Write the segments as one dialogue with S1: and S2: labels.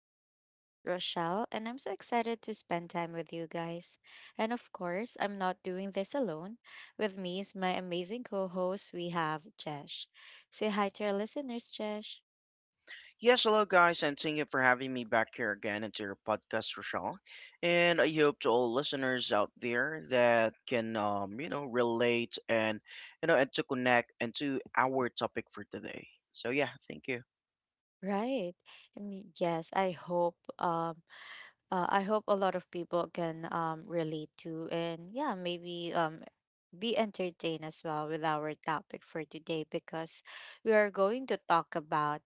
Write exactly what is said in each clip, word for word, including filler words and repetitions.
S1: I'm your host, Rochelle, and I'm so excited to spend time with you guys. And of course, I'm not doing this alone. With me is my amazing co host, we have Jesh. Say hi to our listeners, Jesh.
S2: Yes, hello guys, and thank you for having me back here again into your podcast, Rochelle. And I hope to all listeners out there that can, um, you know, relate and, you know, and to connect and to our topic for today. So yeah, thank you.
S1: Right. And y- yes, I hope um uh, I hope a lot of people can um relate to, and yeah, maybe um be entertained as well with our topic for today, because we are going to talk about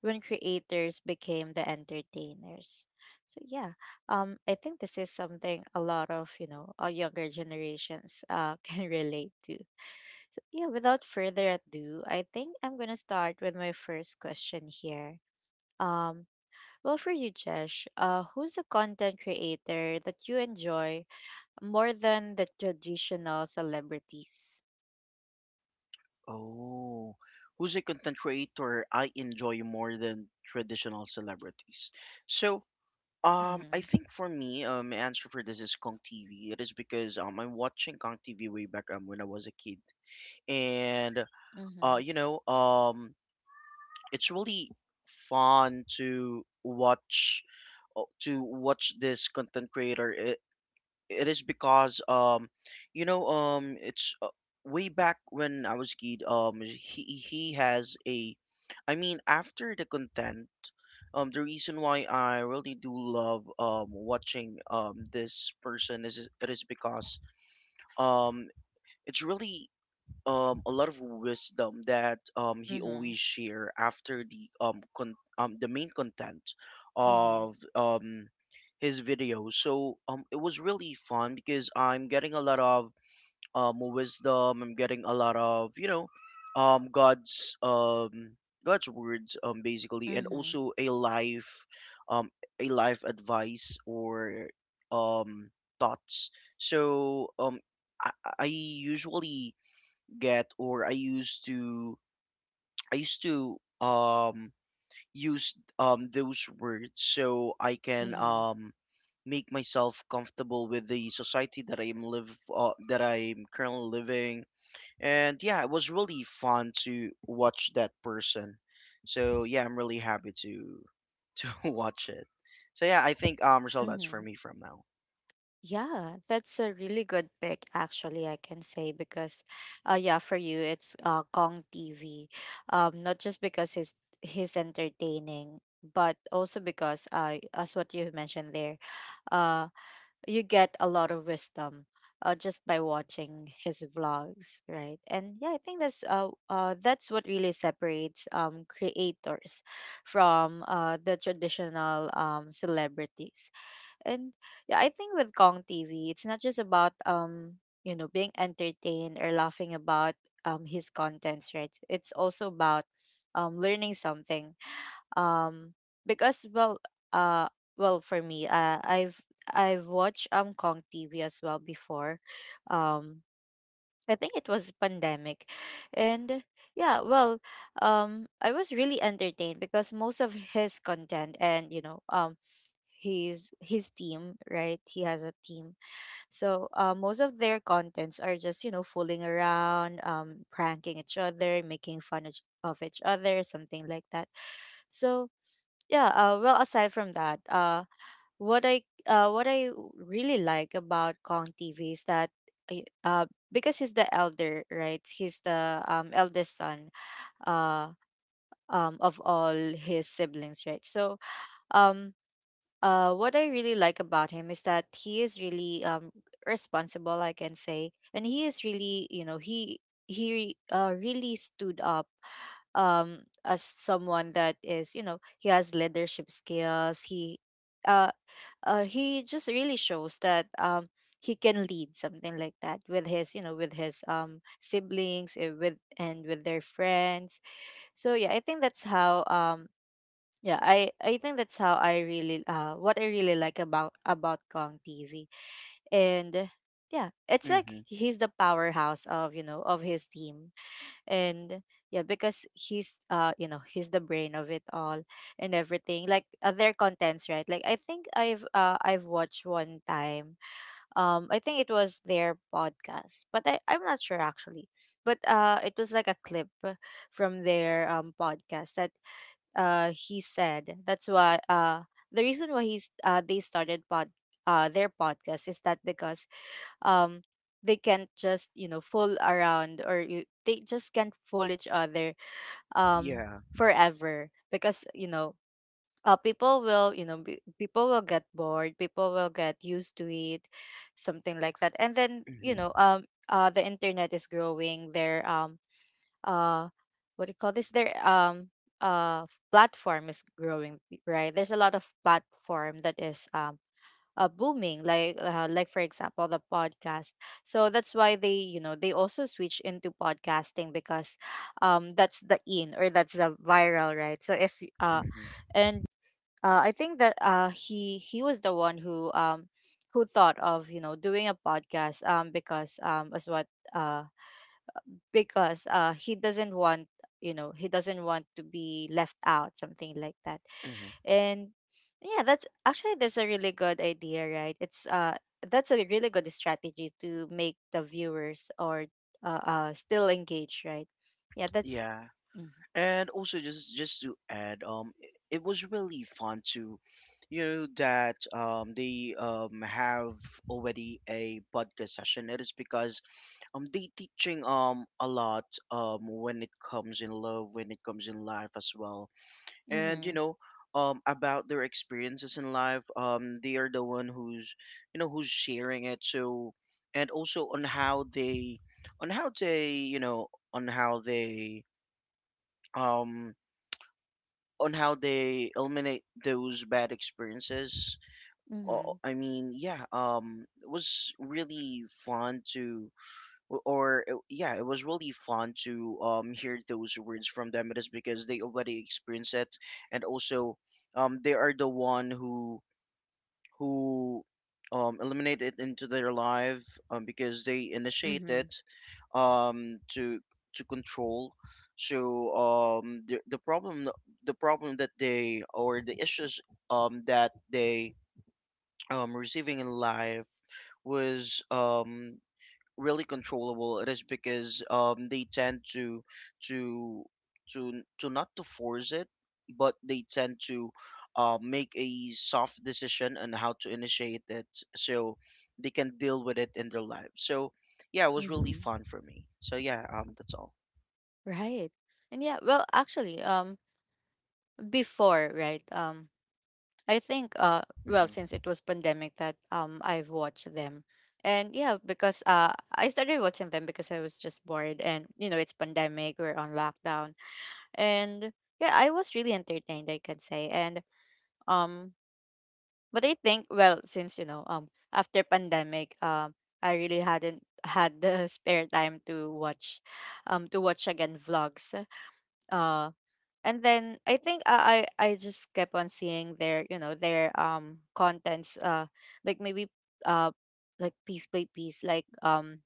S1: when creators became the entertainers. So yeah, um, I think this is something a lot of, you know, our younger generations uh, can relate to. So yeah, without further ado, I think I'm gonna start with my first question here. Um, well, for you, Jesh, uh, who's the content creator that you enjoy more than the traditional celebrities?
S2: Oh, who's a content creator I enjoy more than traditional celebrities? So, um, I
S1: Mm-hmm.
S2: think for me, um, my answer for this is Kong T V. It is because um, I'm watching Kong T V way back um when I was a kid and uh,
S1: Mm-hmm.
S2: you know, um, it's really fun to watch uh, to watch this content creator. It, it is because um, you know, um, it's uh, way back when I was a kid. Um, he he has a, I mean, after the content. Um, the reason why I really do love um, watching um, this person is it is because um, it's really um a lot of wisdom that um he
S1: Mm-hmm.
S2: always share after the um con- um the main content
S1: Mm-hmm.
S2: of um his video. So um it was really fun because I'm getting a lot of um wisdom. I'm getting a lot of, you know, um God's um god's words um basically, and
S1: Mm-hmm.
S2: also a life, um a life advice or um thoughts. So um i, I usually get, or I used to, I used to um use um those words so I can
S1: Mm-hmm.
S2: um make myself comfortable with the society that I'm live uh, that I'm currently living. And yeah, it was really fun to watch that person. So yeah, I'm really happy to to watch it. So yeah, I think um Rizal, that's for
S1: Mm-hmm.
S2: me from now.
S1: Yeah, that's a really good pick, actually, I can say, because uh yeah, for you it's uh Kong T V. Um, not just because he's he's entertaining, but also because uh as what you mentioned there, uh you get a lot of wisdom uh, just by watching his vlogs, right? And yeah, I think that's uh, uh that's what really separates um creators from uh the traditional um celebrities. And yeah, I think with Kong TV, it's not just about, um you know, being entertained or laughing about um his contents, right? It's also about um learning something. Um, because, well, uh well, for me, uh, i've I've watched um Kong TV as well before. Um i think it was pandemic, and yeah, well, um I was really entertained because most of his content, and, you know, um his his team, right? He has a team. So uh, most of their contents are just, you know, fooling around, um pranking each other, making fun of each of each other, something like that. So yeah, uh, well, aside from that, uh, what I uh, what I really like about Kong T V is that I- uh, because he's the elder, right? He's the, um, eldest son uh, um, of all his siblings, right? So, um, uh, what I really like about him is that he is really um responsible, I can say. And he is really, you know, he he uh, really stood up um as someone that is, you know, he has leadership skills. He uh, uh he just really shows that um he can lead something like that with his, you know, with his um siblings, uh, with, and with their friends. So yeah, I think that's how um yeah, I I think that's how I really, uh what I really like about about Kong T V. And uh, yeah, it's like
S2: Mm-hmm.
S1: he's the powerhouse of, you know, of his team. And yeah, because he's, uh, you know, he's the brain of it all and everything. Like, uh, their contents, right? Like, I think I've uh I've watched one time. Um I think it was their podcast, but I I'm not sure actually. But uh it was like a clip from their um podcast, that uh he said that's why uh the reason why he's uh they started pod uh their podcast is that because um they can't just, you know, fool around, or you, they just can't fool each other um
S2: Yeah.
S1: forever, because, you know, uh people will, you know, be, people will get bored, people will get used to it, something like that. And then, you
S2: Mm-hmm.
S1: know, um uh the internet is growing, their um uh what do you call this their um uh f- platform is growing, right? There's a lot of platform that is um uh, booming, like uh, like, for example, the podcast. So that's why, they, you know, they also switch into podcasting because um that's the in, or that's the viral, right? So if y- uh
S2: Mm-hmm.
S1: and uh, I think that uh, he he was the one who um who thought of, you know, doing a podcast, um because um as what uh because uh he doesn't want, you know, he doesn't want to be left out, something like that.
S2: Mm-hmm.
S1: And yeah, that's actually, that's a really good idea, right? It's uh that's a really good strategy to make the viewers, or uh, uh still engaged, right? Yeah, that's,
S2: Yeah.
S1: mm-hmm.
S2: And also just just to add, um i- it was really fun to, you know, that um they um have already a podcast session. It is because um they teaching um a lot um when it comes in love, when it comes in life as well. And, you
S1: Mm-hmm.
S2: know, um about their experiences in life, um they are the one who's, you know, who's sharing it. So and also on how they, on how they, you know, on how they um on how they eliminate those bad experiences. Uh,
S1: Mm-hmm.
S2: I mean, yeah, um, it was really fun to, or it, yeah, it was really fun to um hear those words from them. It is because they already experienced it, and also, um, they are the one who who um, eliminate into their life, um, because they
S1: Mm-hmm,
S2: initiated, um, to to control. So um, the the problem, the problem that they, or the issues um, that they, um, receiving in life was um, really controllable. It is because um they tend to to to to not to force it, but they tend to uh, make a soft decision on how to initiate it so they can deal with it in their life. So yeah, it was really
S1: mm-hmm.
S2: fun for me. So yeah, um that's all.
S1: Right. And yeah, well, actually, um before, right, um I think, uh well, since
S2: Mm-hmm.
S1: it was pandemic that um I've watched them. And yeah, because uh I started watching them because I was just bored, and, you know, it's pandemic, we're on lockdown. And yeah, I was really entertained, I can say. And um but I think, well, since, you know, um after pandemic, um I really hadn't had the spare time to watch, um to watch again vlogs. uh and then I think I I, I just kept on seeing their, you know, their um contents, uh like, maybe, uh like piece by piece, like, um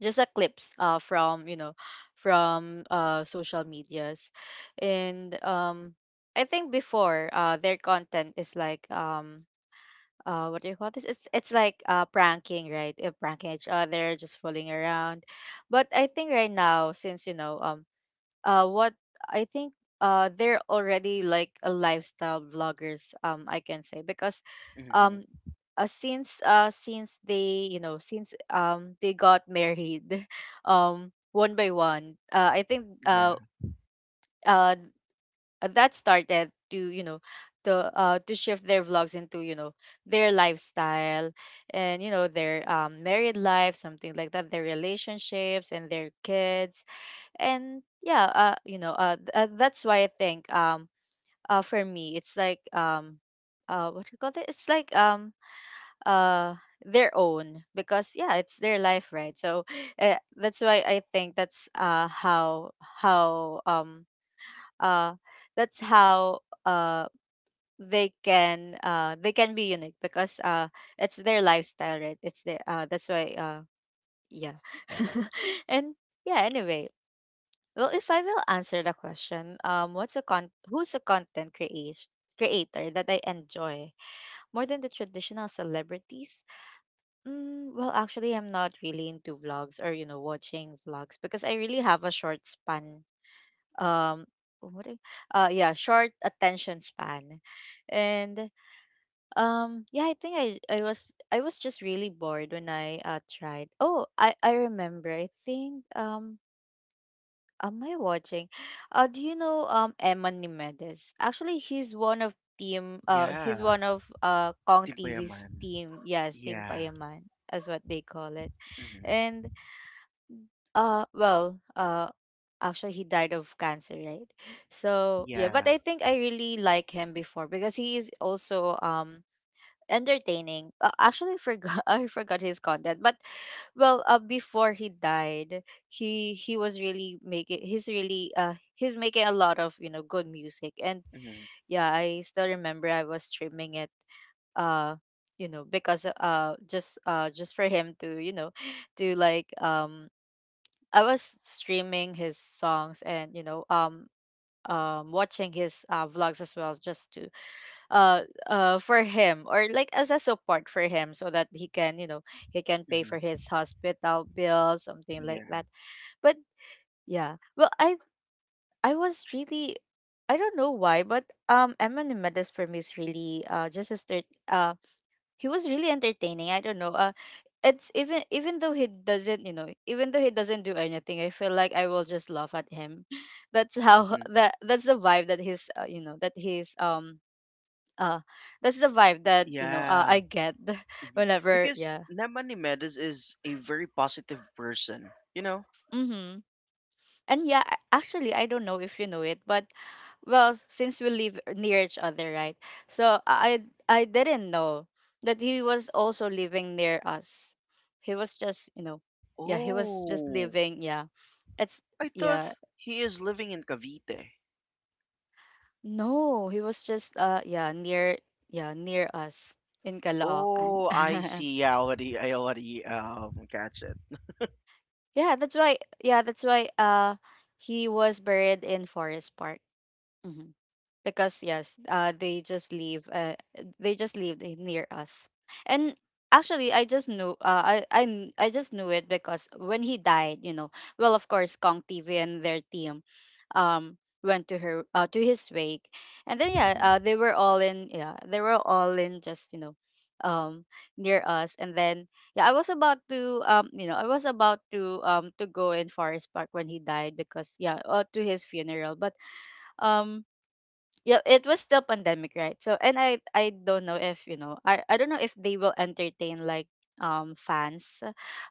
S1: just a clips uh from, you know, from uh social medias. And um I think before, uh their content is like, um uh what do you call this it's it's like uh pranking, right? Uh, pranking each other, just fooling around. But I think right now, since, you know, um uh what I think uh they're already like a lifestyle vloggers, um I can say, because um
S2: Mm-hmm.
S1: uh, since uh since they, you know, since um they got married um one by one, uh I think
S2: Yeah,
S1: uh uh that started to, you know, to uh to shift their vlogs into, you know, their lifestyle, and, you know, their um married life, something like that, their relationships and their kids. And yeah, uh you know, uh, th- uh that's why I think um uh for me it's like, um uh what do you call it it's like um uh their own, because yeah, it's their life, right? So uh, that's why I think that's uh how how um uh that's how uh they can uh they can be unique because uh it's their lifestyle, right? It's the uh that's why uh yeah. And yeah, anyway, well, if I will answer the question, um, what's a con who's a content creat creator that I enjoy more than the traditional celebrities? Mm, well, actually, I'm not really into vlogs, or, you know, watching vlogs, because I really have a short span. Um, what? do- Uh, yeah, short attention span. And um, yeah, I think I I was I was just really bored when I uh tried. Oh, I I remember. I think um am I watching? Uh, do you know um Eman Nimedes? Actually, he's one of team. Uh, he's
S2: yeah.
S1: one of uh Kong TV's
S2: Timbayaman.
S1: team. Yes, Team
S2: Yeah.
S1: Payaman is what they call it.
S2: Mm-hmm.
S1: And uh, well, uh, actually, he died of cancer, right? So yeah, but
S2: Yeah.
S1: I think I really like him before, because he is also um entertaining. Uh, actually, I forgot, I forgot his content, but, well, uh, before he died, he he was really making, he's really uh he's making a lot of, you know, good music. And
S2: Mm-hmm.
S1: yeah, I still remember, I was streaming it, uh you know, because uh just uh just for him to, you know, to like, um I was streaming his songs, and, you know, um um watching his uh vlogs as well, just to uh uh for him, or like, as a support for him, so that he can, you know, he can pay for
S2: Mm-hmm.
S1: his hospital bill, something like that.
S2: Yeah.
S1: But yeah, well, i i was really, I don't know why, but um Eminem Mendes, for me, is really uh just a start. Uh, he was really entertaining, I don't know. Uh it's even Even though he doesn't, you know, even though he doesn't do anything, I feel like I will just laugh at him. That's how,
S2: Mm-hmm.
S1: that that's the vibe that he's, uh, you know, that he's um uh that's the vibe that, you know, uh, I
S2: Yeah.
S1: get.
S2: Mhm.
S1: Whenever,
S2: Because
S1: yeah.
S2: Namani Medes is a very positive person, you know?
S1: Mm-hmm. And yeah, a- actually, I don't know if you know it, but, well, since we live near each other, right, so i i didn't know that he was also living near us. He was just, you know, yeah, he was just
S2: Oh,
S1: living, yeah. It's,
S2: I thought
S1: yeah,
S2: he is living in Cavite.
S1: no, he was just uh yeah, near, yeah, near us in Caloocan.
S2: Oh, I see. Yeah, I already, I already um catch it.
S1: Yeah, that's why, yeah, that's why uh he was buried in Forest Park. Mhm because yes, uh, they just live uh, they just live i- near us. And actually, I just knew uh, I I kn- I just knew it because when he died, you know, well, of course, Kong T V and their team um, went to her uh, to his wake, and then, yeah,
S2: Hmm.
S1: uh, they were all in yeah, they were all in, just you know, um, near us. And then, yeah, I was about to um, you know, I was about to um to go in Forest Park when he died because, yeah, uh, to his funeral. But um yeah, it was still pandemic, right? So and i i don't know if you know, i, I don't know if they will entertain, like, um fans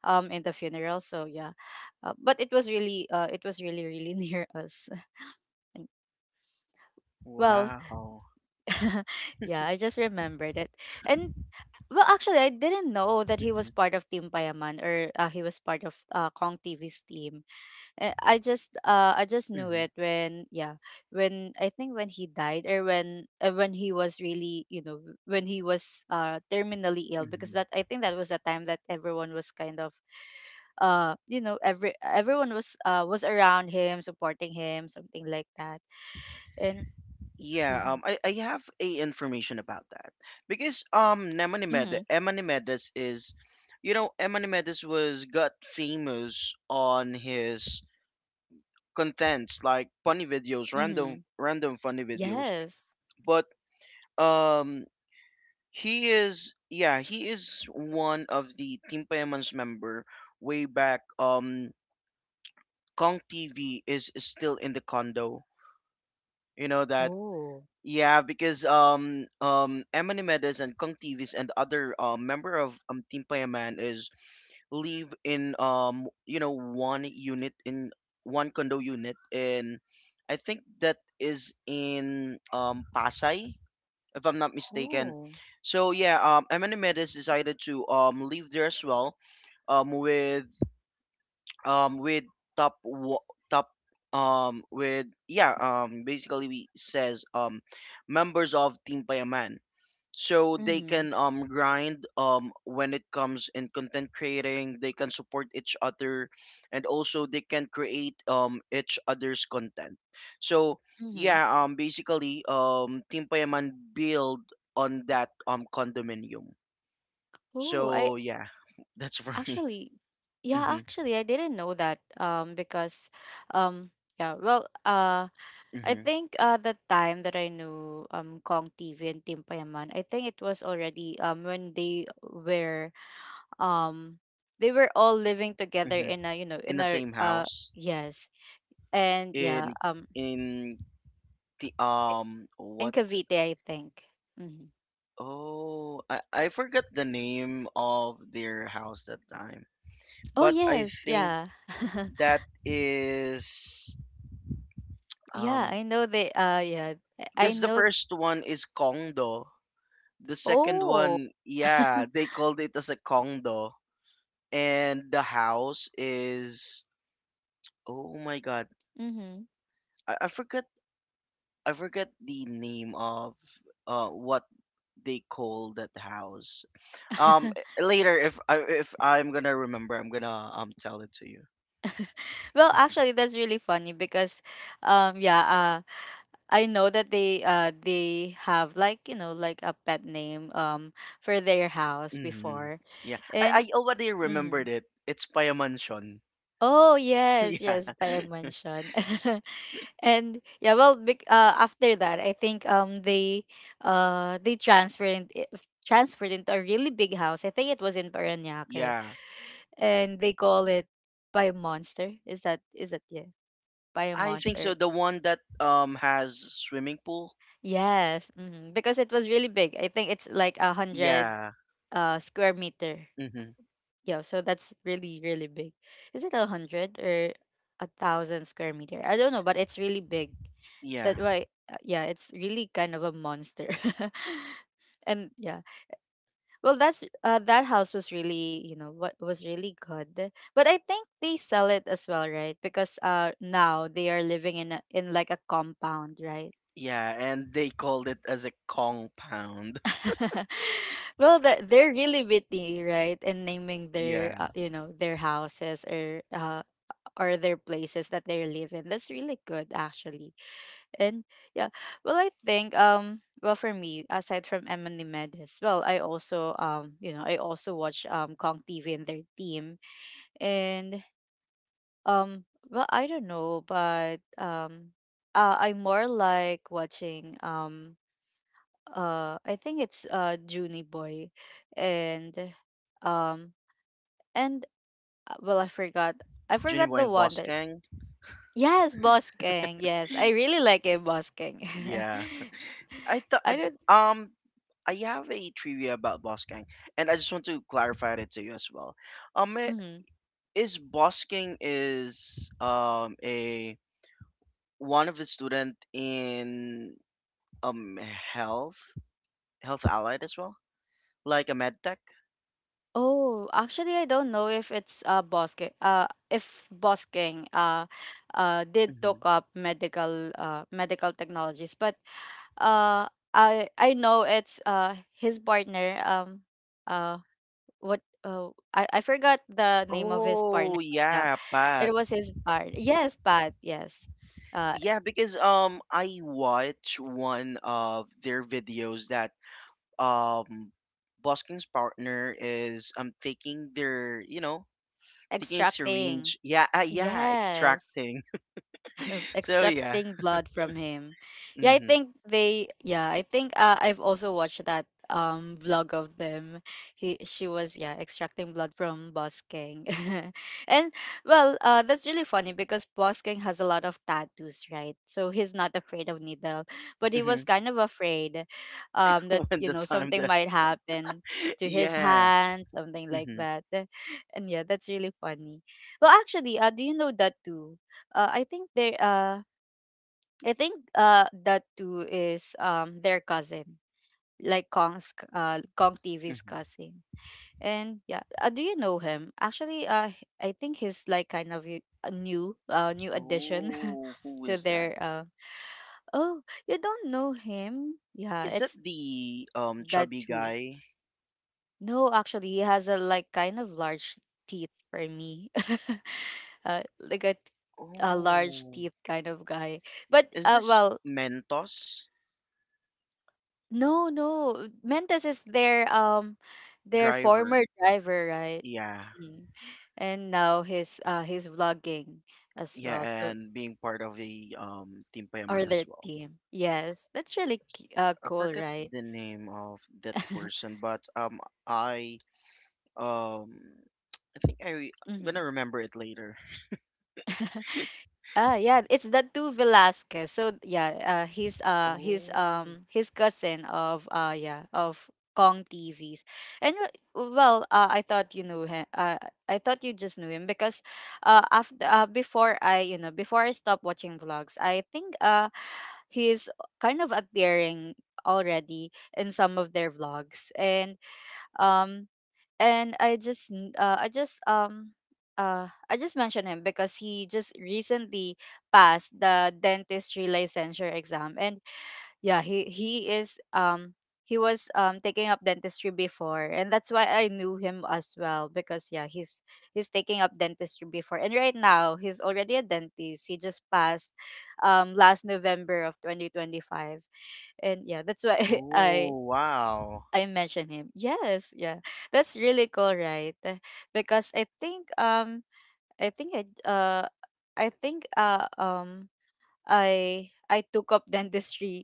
S1: um in the funeral, so yeah. Uh, but it was really uh it was really really near us. And, well,
S2: Wow.
S1: yeah, I just remembered it. And, well, actually, I didn't know that he
S2: Hmm.
S1: was part of Team Payaman, or uh, he was part of uh, Kong TV's team. Eh, I just uh I just knew
S2: Hmm.
S1: it when, yeah, when, I think, when he died, or when, uh, when he was really, you know, when he was uh terminally ill, because
S2: Hmm.
S1: that, I think, that was the time that everyone was kind of, uh you know, every everyone was uh was around him, supporting him, something like that. And
S2: Yeah.
S1: mm-hmm,
S2: Um, I, I have a information about that because um
S1: mm-hmm,
S2: Lamanimedes, Lamanimedes is, you know, Lamanimedes was got famous on his contents like funny videos,
S1: mm-hmm.
S2: random random funny videos.
S1: Yes.
S2: But um he is, yeah, he is one of the Team Payaman's member way back um Kong T V is still in the condo. You know that.
S1: Oh.
S2: Yeah, because um um Emily Medes and Kong T Vs and other uh, member of um Team Payaman is live in, um you know, one unit in one condo unit in, I think that is in um Pasay if I'm not mistaken.
S1: Oh.
S2: So yeah, um Emily Medes decided to um live there as well um with um with top wa- top, um with yeah, um basically we says, um members of Team Payaman, so they
S1: Mm-hmm.
S2: can um grind um when it comes in content creating. They can support each other, and also they can create um each other's content. So
S1: Mm-hmm.
S2: yeah, um basically um Team Payaman build on that um condominium.
S1: Oh, I
S2: So yeah, that's for me.
S1: actually, yeah,
S2: Mhm.
S1: actually, I didn't know that. Um, because, um, yeah, well, uh, I
S2: Mhm.
S1: think uh the time that I knew um Kong T V and Tim Payaman, I think it was already um when they were, um they were all living together
S2: Mhm.
S1: in a, you know,
S2: In
S1: in
S2: the
S1: a
S2: same
S1: uh
S2: house.
S1: yes. And yeah,
S2: In
S1: um
S2: in the um
S1: in
S2: what
S1: Cavite, I think. Hmm.
S2: oh, I I forgot the name of their house that time.
S1: Oh
S2: But I
S1: yes,
S2: think
S1: yeah,
S2: that is,
S1: yeah.
S2: um,
S1: I know they. Uh, yeah, I I
S2: because the
S1: know.
S2: first one is condo. The second
S1: Oh.
S2: one, yeah, they called it as a condo. And the house is, oh my god.
S1: Mm-hmm.
S2: I, I forgot, I forgot the name of uh what they call that house. Um, later if I, if I'm gonna remember, I'm gonna um tell it to you.
S1: Well, actually, that's really funny because, um, yeah, uh, I know that they uh they have, like, you know, like a pet name um for their house
S2: Hmm.
S1: before.
S2: Yeah, I
S1: And
S2: I already
S1: mhm.
S2: remembered it. It's Payamanchon.
S1: Oh, yes,
S2: Yeah,
S1: yes, by a mansion, and yeah, well bec- uh after that, I think um they uh they transferred in- if- transferred into a really big house. I think it was in Parañaque,
S2: yeah.
S1: and they call it by monster is that is that yeah by a
S2: I think
S1: monster
S2: so. The one that um has swimming pool.
S1: Yes, mhm, because it was really big. I think it's like a hundred
S2: Yeah.
S1: uh square meter.
S2: Hmm.
S1: Yeah, so that's really really big. Is it a hundred or a thousand square meter? I don't know, but it's really big.
S2: Yeah.
S1: That why, uh, yeah, it's really kind of a monster. And yeah, well, that's uh, that house was really, you know, what was really good. But I think they sell it as well, right? Because uh now they are living in a, in, like, a compound, right?
S2: Yeah, and they called it as a compound.
S1: Well, that they're really witty, right? And naming their, uh,
S2: Yeah.
S1: you know, their houses, or uh, or their places that they live in. That's really good, actually. And yeah, well, I think, um, well, for me, aside from Emily Medes, well, I also, um, you know, I also watch um Kong T V and their team. And um, well, I don't know, but um, uh, I more like watching, um uh I think it's uh Junie Boy, and um and uh, well, I forgot I forgot
S2: Junibo
S1: the
S2: and
S1: one that.
S2: Boskang.
S1: Yes, Boss Kang. Yes, I really like it, Boss Kang.
S2: Yeah. I thought
S1: I
S2: th-
S1: don't.
S2: um I have a trivia about Boskang, and I just want to clarify it to you as well. Um, may,
S1: Mhm.
S2: is Bosking is um a one of the student in um health health allied as well, like a med tech.
S1: Oh, actually, I don't know if it's uh Boss Kang uh if Boss Kang uh uh did took
S2: Hmm.
S1: up medical uh medical technologies, but uh I I know it's uh his partner. um uh what uh, I, I forgot the name of his
S2: Oh
S1: partner, but yeah,
S2: yeah, Pat.
S1: it was his partner. Yes, Pat, yes. uh
S2: Yeah, because um I watch one of their videos that um Bosking's partner is um taking their, you know, taking a
S1: extracting
S2: syringe. Yeah, uh, yeah,
S1: Yes.
S2: extracting. So yeah.
S1: Extracting blood from him. Yeah, I
S2: Mm-hmm.
S1: think they, yeah, I think, uh, I've also watched that um vlog of them. He She was, yeah, extracting blood from Boss King. And, well, uh that's really funny because Boss King has a lot of tattoos, right? So he's not afraid of needle, but he
S2: Mm-hmm.
S1: was kind of afraid um that,
S2: When
S1: you
S2: the
S1: know,
S2: time
S1: something
S2: that,
S1: might happen to his
S2: yeah.
S1: hand, something like
S2: Mm-hmm.
S1: that. And yeah, that's really funny. Well, actually, uh, do you know that too? Uh, I think they uh I think uh that too is um their cousin, like Kong's c- uh Kong T V's
S2: Mm-hmm.
S1: cousin. And yeah, uh, do you know him? Actually, uh h- I think he's, like, kind of y- a new uh new addition
S2: Oh, who
S1: to
S2: is that?
S1: their uh oh, you don't know him? Yeah,
S2: Is that
S1: it's
S2: the um
S1: that
S2: chubby
S1: too.
S2: guy?
S1: No, actually, he has a, like, kind of large teeth, for me. uh, like a, a large
S2: Oh,
S1: teeth kind of guy. But
S2: is
S1: uh,
S2: this
S1: well,
S2: Mentos
S1: no, no. Mentos is their um their former
S2: driver?
S1: driver, right?
S2: Yeah,
S1: Mhm. And now he's uh he's vlogging as
S2: yeah,
S1: well. So
S2: and being part of the um Team
S1: or
S2: Payaman as
S1: the
S2: well.
S1: team. Yes. That's really cu- uh
S2: I
S1: cool,
S2: forget
S1: right?
S2: the name of that person, but um, I um, I think I I'm
S1: Mhm.
S2: gonna remember it later.
S1: Ah, yeah, it's the two Velasquez. So yeah, uh, he's uh he's
S2: Oh,
S1: um his cousin of, uh yeah, of Kong T Vs. And uh, well, uh, I thought you knew him. Uh, I thought you just knew him because, uh, after uh, before I, you know, before I stopped watching vlogs, I think uh he's kind of appearing already in some of their vlogs. And um and I just n- uh, I just, um uh I just mentioned him because he just recently passed the dentistry licensure exam. And yeah, he he is, um he was um taking up dentistry before, and that's why I knew him as well, because yeah, he's he's taking up dentistry before, and right now he's already a dentist. He just passed um last November of twenty twenty-five. And yeah, that's why I
S2: oh, wow.
S1: I mentioned him. Yes, yeah. That's really cool, right? Eh, because I think um I think I uh I think uh um I I took up dentistry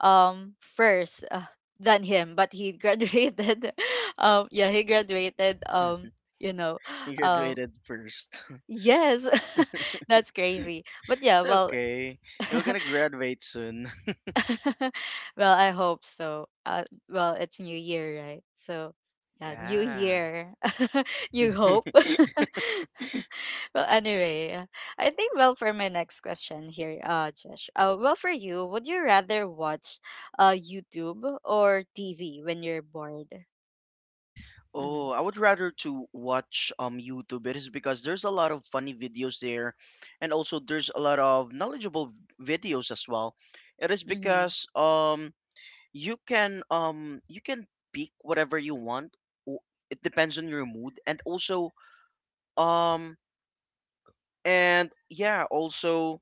S1: um first, uh, than him, but he graduated um yeah, he graduated um you know.
S2: He
S1: um
S2: graduated first.
S1: yes. That's crazy. But yeah,
S2: It's
S1: well.
S2: okay. You're gonna graduate soon.
S1: Well, I hope so. Uh, well, it's New Year, right? So, yeah, New
S2: Yeah.
S1: Year. You hope. Well, anyway, uh, I think, well, for my next question here, uh, Josh. Uh, well, for you, would you rather watch, uh, YouTube or T V when you're bored?
S2: Oh,
S1: Mhm.
S2: I would rather to watch um YouTube. It is because there's a lot of funny videos there, and also there's a lot of knowledgeable v- videos as well. It is
S1: Mhm.
S2: because um you can, um you can pick whatever you want. o- It depends on your mood, and also, um and yeah, also,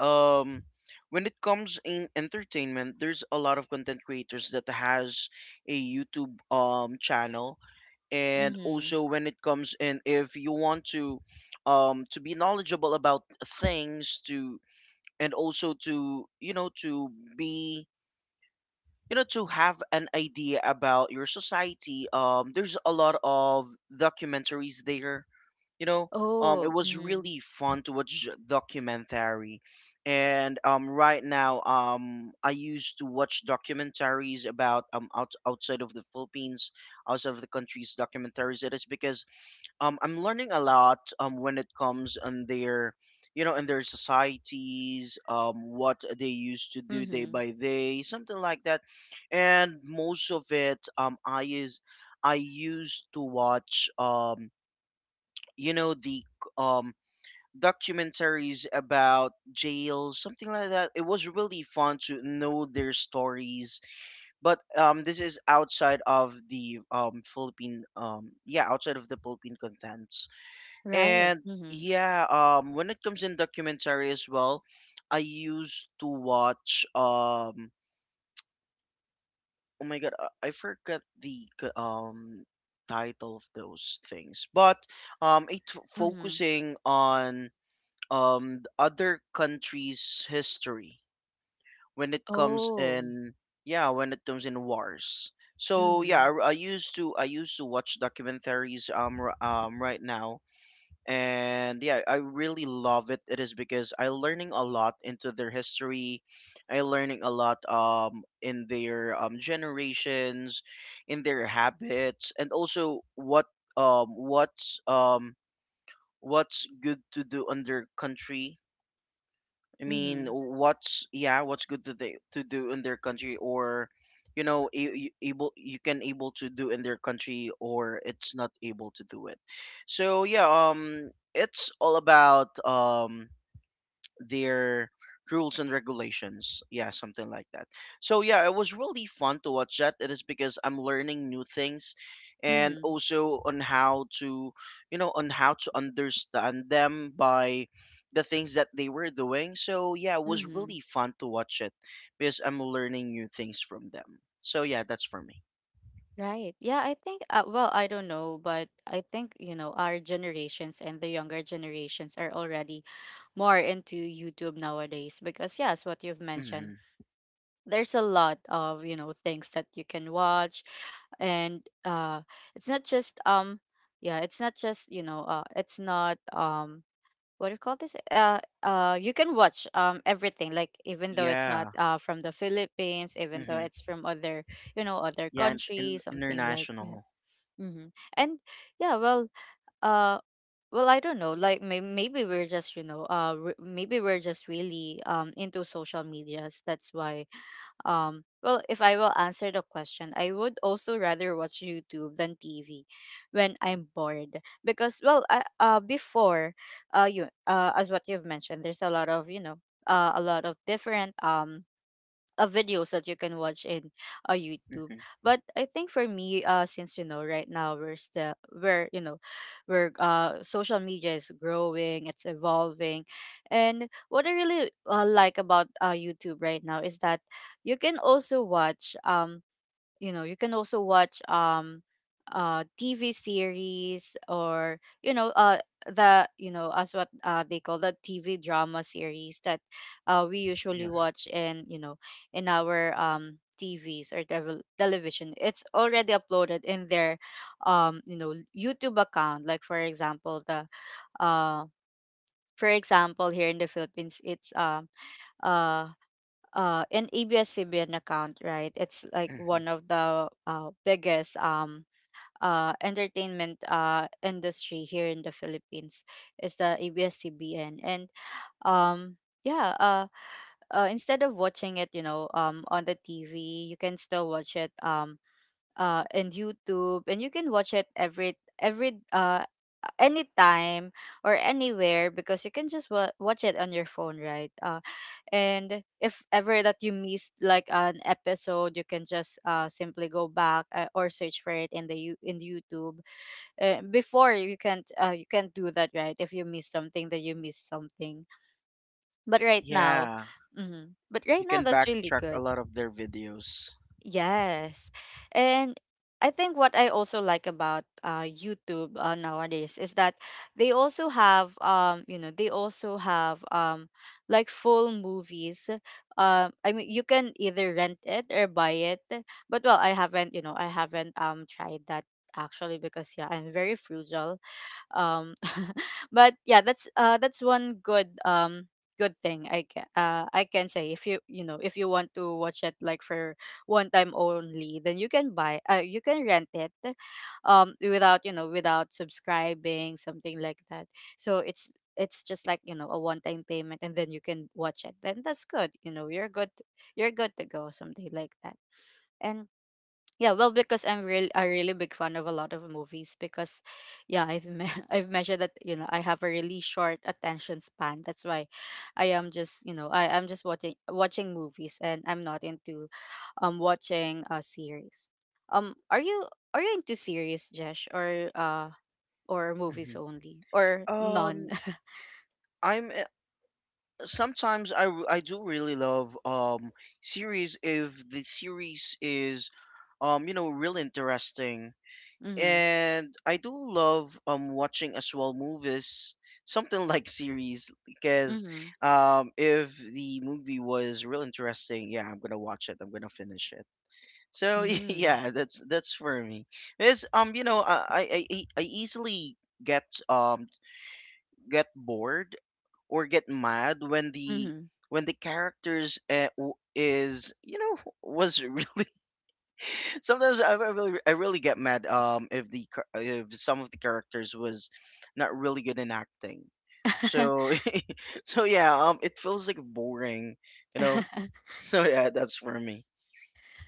S2: um when it comes in entertainment, there's a lot of content creators that has a YouTube um channel. And
S1: Mhm.
S2: also when it comes in, if you want to um to be knowledgeable about things to, and also to, you know, to be, you know, to have an idea about your society, um there's a lot of documentaries there, you know, um it
S1: Oh.
S2: was
S1: Mhm.
S2: really fun to watch documentary. And um right now, um I used to watch documentaries about um out, outside of the Philippines, outside of the country's documentaries. It is because um I'm learning a lot um when it comes on their, you know, in their societies, um what they used to do day
S1: Mhm.
S2: by day, something like that. And most of it, um i is I used to watch, um you know, the um documentaries about jails, something like that. It was really fun to know their stories. But um this is outside of the um Philippine, um yeah, outside of the Philippine contents.
S1: Right.
S2: And
S1: Mhm.
S2: yeah, um when it comes in documentary as well, I used to watch, um oh my god, i I forgot the c- um title of those things. But um it f-
S1: Mhm.
S2: focusing on um the other countries' history, when it comes
S1: Oh.
S2: in, yeah, when it comes in wars. So yeah,
S1: Mhm.
S2: I, I used to, I used to watch documentaries um r- um right now. And yeah, I really love it. It is because I learning a lot into their history. I learning a lot um in their um generations, in their habits, and also what um what's um what's good to do on their country. I mean,
S1: Mhm.
S2: what's, yeah, what's good to they, to do in their country, or, you know, a- you able, you can able to do in their country, or it's not able to do it. So yeah, um, it's all about um their rules and regulations. Yeah, something like that. So yeah, it was really fun to watch that. It is because I'm learning new things and
S1: Mhm.
S2: also on how to, you know, on how to understand them by the things that they were doing. So yeah, it was
S1: Mhm.
S2: really fun to watch it because I'm learning new things from them. So yeah, that's for me.
S1: Right. Yeah, I think, uh, well, I don't know, but I think, you know, our generations and the younger generations are already more into YouTube nowadays because, yes, what you've
S2: Hmm.
S1: mentioned, there's a lot of, you know, things that you can watch. And uh, it's not just, um, yeah, it's not just, you know, uh, it's not, um, what do you call this? Uh, uh, you can watch um everything, like, even though it's not
S2: Yeah.
S1: uh from the Philippines, even though
S2: Hmm.
S1: it's from other, you know, other
S2: Yeah, and, and
S1: countries, something like that.
S2: international.
S1: Mm-hmm. And yeah, well, uh, well, I don't know. Like, may- maybe we're just, you know, uh, re- maybe we're just really um into social medias. That's why, um well, if I will answer the question, I would also rather watch YouTube than TV when I'm bored, because well, I, uh before, uh you uh as what you've mentioned, there's a lot of, you know, uh, a lot of different, um uh, videos that you can watch in, uh, YouTube.
S2: Hmm.
S1: But I think, for me, uh, since, you know, right now we're still we're you know, we're uh, social media is growing, it's evolving, and what I really, uh, like about, uh, YouTube right now is that you can also watch, um you know, you can also watch, um uh TV series, or, you know, uh the you know as what uh they call the TV drama series that uh we usually
S2: Yeah.
S1: watch in, you know, in our, um TVs, or tevel- television. It's already uploaded in their, um you know, YouTube account. Like, for example, the, uh for example, here in the Philippines, it's, um uh, uh an A B S-C B N account, right? It's like
S2: Hmm.
S1: one of the, uh, biggest, um uh entertainment, uh industry here in the Philippines is the A B S-C B N. And um yeah, uh uh, instead of watching it, you know, um, on the T V, you can still watch it, um, uh, and YouTube, and you can watch it every every uh anytime or anywhere, because you can just wa- watch it on your phone, right? Uh, and if ever that you missed like an episode, you can just uh simply go back, uh, or search for it in the you in YouTube. Uh, before, you can't uh you can't do that, right? If you miss something, then you miss something. But right now,
S2: Yeah,
S1: mm-hmm, but right
S2: you
S1: now,
S2: can
S1: that's really
S2: backtrack a
S1: good.
S2: lot of their videos.
S1: Yes. And I think what I also like about, uh, YouTube, uh, nowadays is that they also have, um you know they also have, um like, full movies. Um, I mean, you can either rent it or buy it. But well, I haven't, you know, I haven't um tried that actually because yeah, I'm very frugal um but yeah that's uh that's one good um good thing i can uh i can say if you you know if you want to watch it like for one time only then you can buy uh you can rent it, um without you know without subscribing something like that. So it's it's just like, you know, a one time payment and then you can watch it, then that's good, you know, you're good you're good to go, something like that. And yeah, well, because I'm real a really big fan of a lot of movies because, yeah, I've me I've measured that, you know, I have a really short attention span. That's why I am just, you know, I I'm just watching watching movies, and I'm not into um, watching a series. Um, are you are you into series, Jesh, or uh or movies
S2: Hmm.
S1: only or none?
S2: Um, I'm uh, sometimes I w- I do really love um series if the series is, um you know, really interesting.
S1: Mm-hmm.
S2: And I do love um watching as well movies, something like series, because
S1: Mm-hmm.
S2: um if the movie was real interesting, yeah, I'm gonna watch it. I'm gonna finish it. So
S1: Mm-hmm.
S2: yeah, that's that's for me. It's um you know I I I e- I easily get um get bored or get mad when the
S1: Mm-hmm.
S2: when the characters uh, w- is you know was really. Sometimes I I really I really get mad um if the char- if some of the characters was not really good in acting. So so yeah, um it feels like boring, you know. So yeah, that's for me.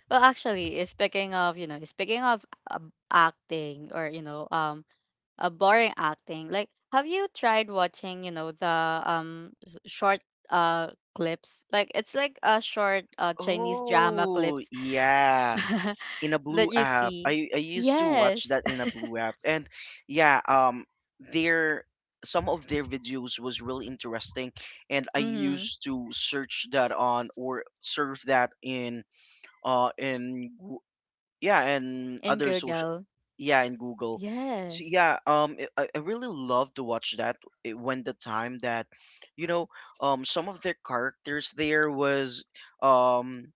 S1: Well, actually, eh, speaking of, you know, speaking of um, acting or, you know, um, uh, boring acting. Like, have you tried watching, you know, the um s- short uh clips? Like, it's like a short uh Chinese drama
S2: Oh,
S1: clips
S2: yeah. In a
S1: that
S2: blue
S1: you
S2: app.
S1: see.
S2: I I used to watch
S1: Yes.
S2: that in a blue app. And yeah, um their some of their videos was really interesting, and I
S1: Mm-hmm.
S2: used to search that on or serve that in uh in yeah, and
S1: In
S2: other social
S1: Google.
S2: yeah, and Google. So
S1: Yes.
S2: yeah, um it- I, I really love to watch that, eh, when the time that you know um some of the characters there was um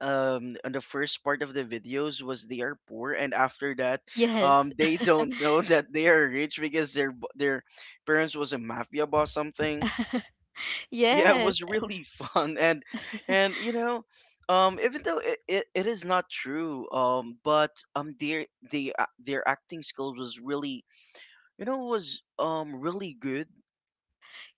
S2: um on the first part of the videos was they are poor, and after that
S1: Yes.
S2: um they don't know that they are rich because their b- their parents was a mafia boss something. Yeah, it
S1: Yes.
S2: was really fun. and and you know um even though it, it, it is not true, um but um their the a- their acting skills was really, you know, was um really good.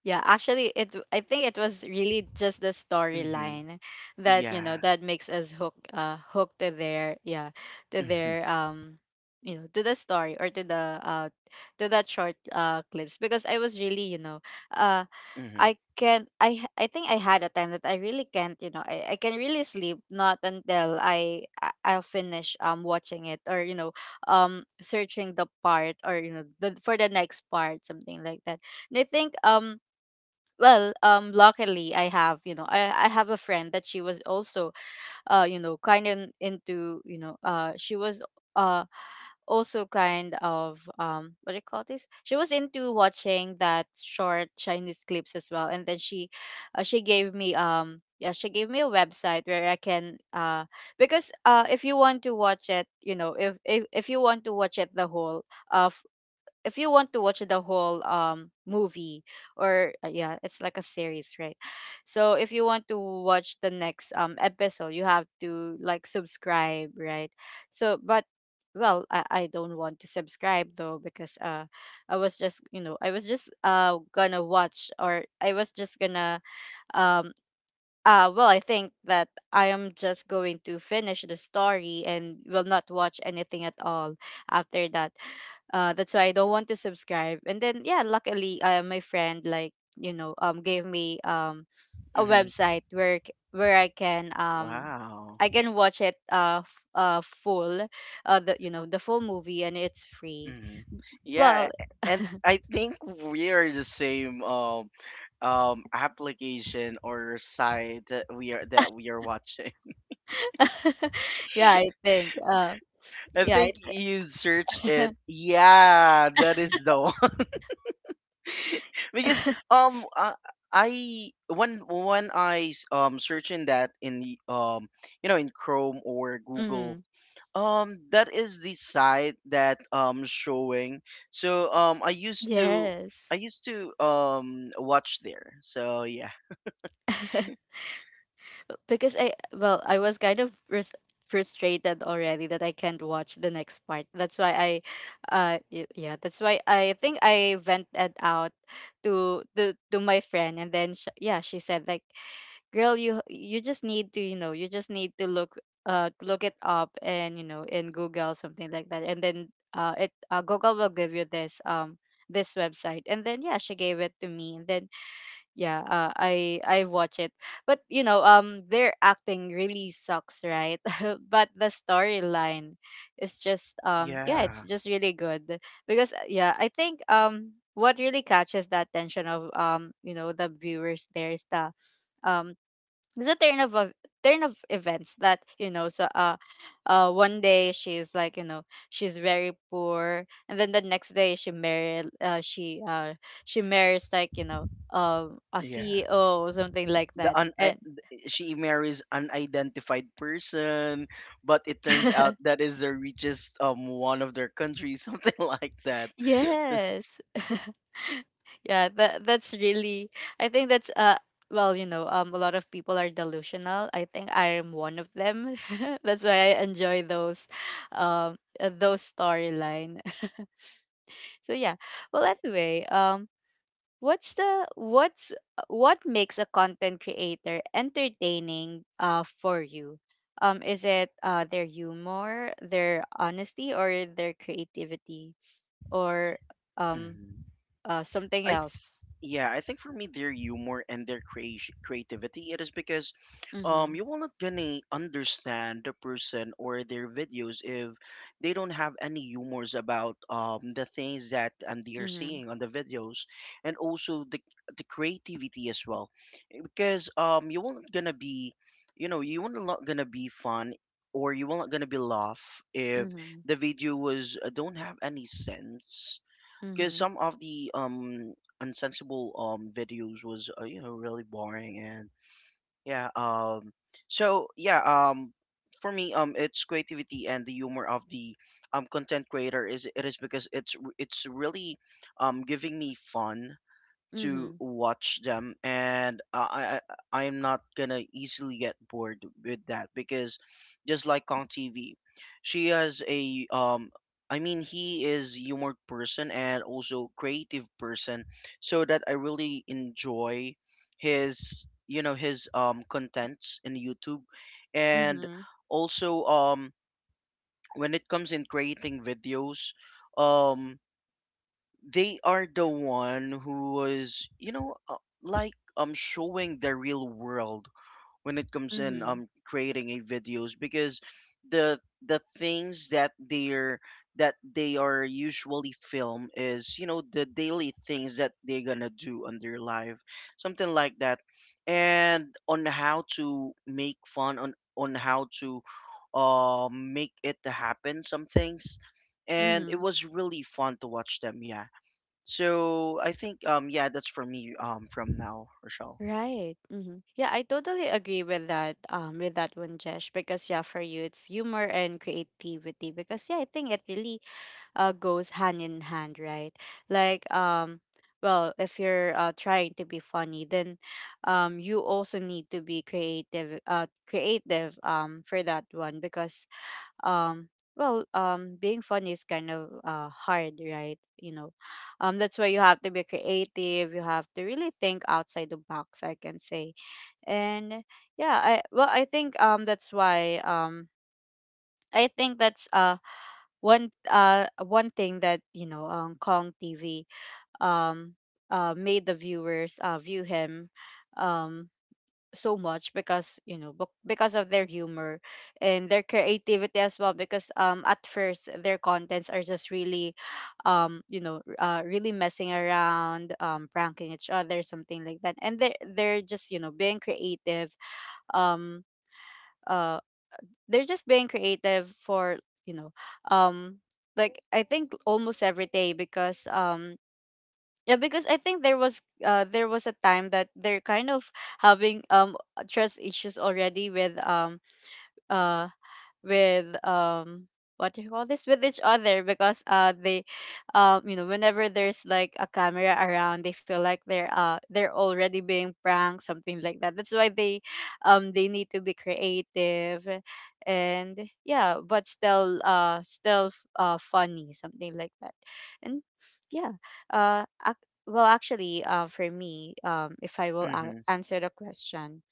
S1: Yeah, actually, it I think it was really just the
S2: Mm-hmm.
S1: storyline that, you know,
S2: Yeah.
S1: that makes us hook uh hooked to their, yeah, to
S2: Mm-hmm.
S1: their um you know, to the story or to the uh to that short uh clips. Because I was really, you know, uh
S2: Mm-hmm.
S1: I can I h- I think I had a time that I really can't, you know, I, I can really sleep not until I I- I'll finish um watching it, or, you know, um searching the part, or, you know, the for the next part, something like that. And I think um well, um luckily I have, you know, i i have a friend that she was also uh you know, kind of into, you know, uh she was uh also kind of, um what do you call this, she was into watching that short Chinese clips as well. And then she uh, she gave me, um yeah, she gave me a website where I can uh because uh if you want to watch it, you know, if if, if you want to watch it the whole uh if you want to watch the whole um movie, or uh, yeah, it's like a series, right? So if you want to watch the next um episode, you have to like subscribe, right? So but well, I, I don't want to subscribe though, because uh I was just, you know, I was just uh gonna watch, or I was just gonna, um uh, well, I think that I am just going to finish the story and will not watch anything at all after that. Uh, that's why I don't want to subscribe. And then yeah, luckily, uh, my friend, like, you know, um gave me um a
S2: Mm-hmm.
S1: website where c- where I can um
S2: Wow.
S1: I can watch it uh f- uh full uh the, you know, the full movie, and it's free.
S2: Mm-hmm. Yeah.
S1: Well,
S2: A- and I think we are the same, um um application or site that we are that we are watching.
S1: yeah, I think uh
S2: I
S1: yeah.
S2: think
S1: I-
S2: you search it. Yeah, that is the one. Because um I, I when when I s- um searching that in the um you know in Chrome or Google,
S1: mm,
S2: um that is the site that um showing. So um I used to I
S1: yes.
S2: used to um watch there. So yeah.
S1: Because I, well, I was kind of frus- frustrated already that I can't watch the next part. That's why I, uh, y- yeah, that's why I think I vented out to to to my friend. And then sh- yeah, she said like, "Girl, you you just need to, you know, you just need to look uh look it up and, you know, in Google, something like that. And then uh it uh, Google will give you this um." This website, and then yeah, she gave it to me, and then yeah, uh, i i watch it. But you know, um their acting really sucks, right? But the storyline is just, um yeah, it's
S2: Yeah.
S1: just really good. Because uh, yeah, I think um what really catches the attention of, um you know, the viewers there is the um it's a turn of ev- turn of events that, you know, so uh uh one day she's like, you know, she's very poor, and then the next day she married uh she uh she marries, like, you know, um a
S2: Yeah.
S1: ceo or something like
S2: The
S1: that.
S2: un,
S1: And
S2: she marries an identified person, but it turns out that is the richest um one of their country, something like that.
S1: yes yeah, that that's really, I think that's uh well, you know, um a lot of people are delusional. I think I am one of them. That's why I enjoy those um uh, those storyline. So yeah. Well, anyway, um, what's the what's uh, what makes a content creator entertaining uh for you? Um, is it uh their humor, their honesty, or their creativity, or um
S2: Mhm.
S1: uh something
S2: I th-
S1: else?
S2: yeah, I think for me their humor and their creati creativity, it is because
S1: Mm-hmm.
S2: um you will not gonna understand the person or their videos if they don't have any humors about um the things that um they are
S1: Mm-hmm.
S2: seeing on the videos. And also the the creativity as well, because um you won't gonna be, you know, you won't not gonna be fun or you won't gonna be laugh if
S1: Mm-hmm.
S2: the video was uh, don't have any sense, because
S1: Mm-hmm.
S2: some of the um unsensible um videos was uh, you know, really boring. And yeah, um so yeah, um for me, um it's creativity and the humor of the um content creator, is it is because it's r- it's really um giving me fun to
S1: Mm-hmm.
S2: watch them. And I I I am not gonna easily get bored with that because just like Kong T V, she has a um I mean he is humor person and also creative person, so that I really enjoy his, you know, his um contents in YouTube. And
S1: Mm-hmm.
S2: also um when it comes in creating videos, um they are the one who was, you know, uh, like um showing the real world when it comes in um creating a videos, because the the things that they're that they are usually film is, you know, the daily things that they're gonna do on their life, something like that. And on how to make fun on on how to uh make it happen some things, and it
S1: Mm-hmm.
S2: was really fun to watch them. Yeah, so I think um yeah, that's for me, um from now, Rochelle.
S1: Right. hmm Yeah, I totally agree with that. Um, with that one, Jesh, because yeah, for you it's humor and creativity. Because yeah, I think it really uh goes hand in hand, right? Like um, well, if you're uh trying to be funny, then um, you also need to be creative. Uh, creative um for that one. Because um well, um being funny is kind of uh hard, right, you know, um that's why you have to be creative. You have to really think outside the box, I can say. And yeah, I well, I think um that's why, um I think that's uh one uh one thing that, you know, um kong tv um uh made the viewers uh view him um so much. Because, you know, bec- because of their humor and their creativity as well. Because um at first their contents are just really, um you know, r- uh, really messing around, um pranking each other, something like that. And they they're just, you know, being creative. um uh they're just being creative for, you know, um like, I think almost every day. Because um yeah, because I think there was uh there was a time that they're kind of having um trust issues already with um uh with um what do you call this, with each other. Because uh they, um you know, whenever there's like a camera around, they feel like they're uh they're already being pranked, something like that. That's why they, um they need to be creative, and yeah, but still uh still f- uh funny, something like that. and yeah uh ac- well, actually, uh for me, um if I will a-
S2: Mm-hmm.
S1: answer the question,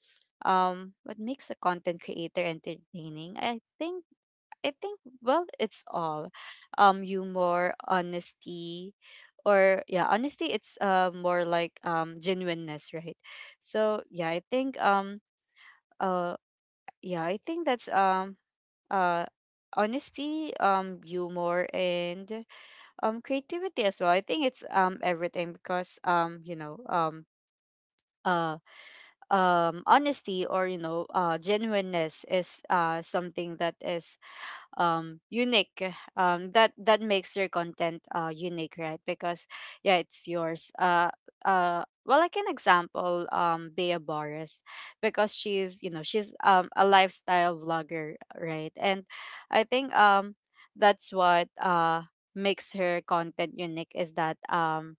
S1: um what makes a content creator entertaining, i think I think, well, it's all, um, humor, honesty, or yeah, honesty. It's uh more like, um genuineness, right? So yeah, I think um uh yeah, I think that's um uh honesty, um humor, and um creativity as well. I think it's um everything. Because, um you know, um uh um honesty, or, you know, uh genuineness is uh something that is um unique, um that that makes your content uh unique, right? Because yeah, it's yours. uh uh well, like an example, um Bea Boris. Because she's, you know, she's um a lifestyle vlogger, right? And I think um that's what uh makes her content unique, is that um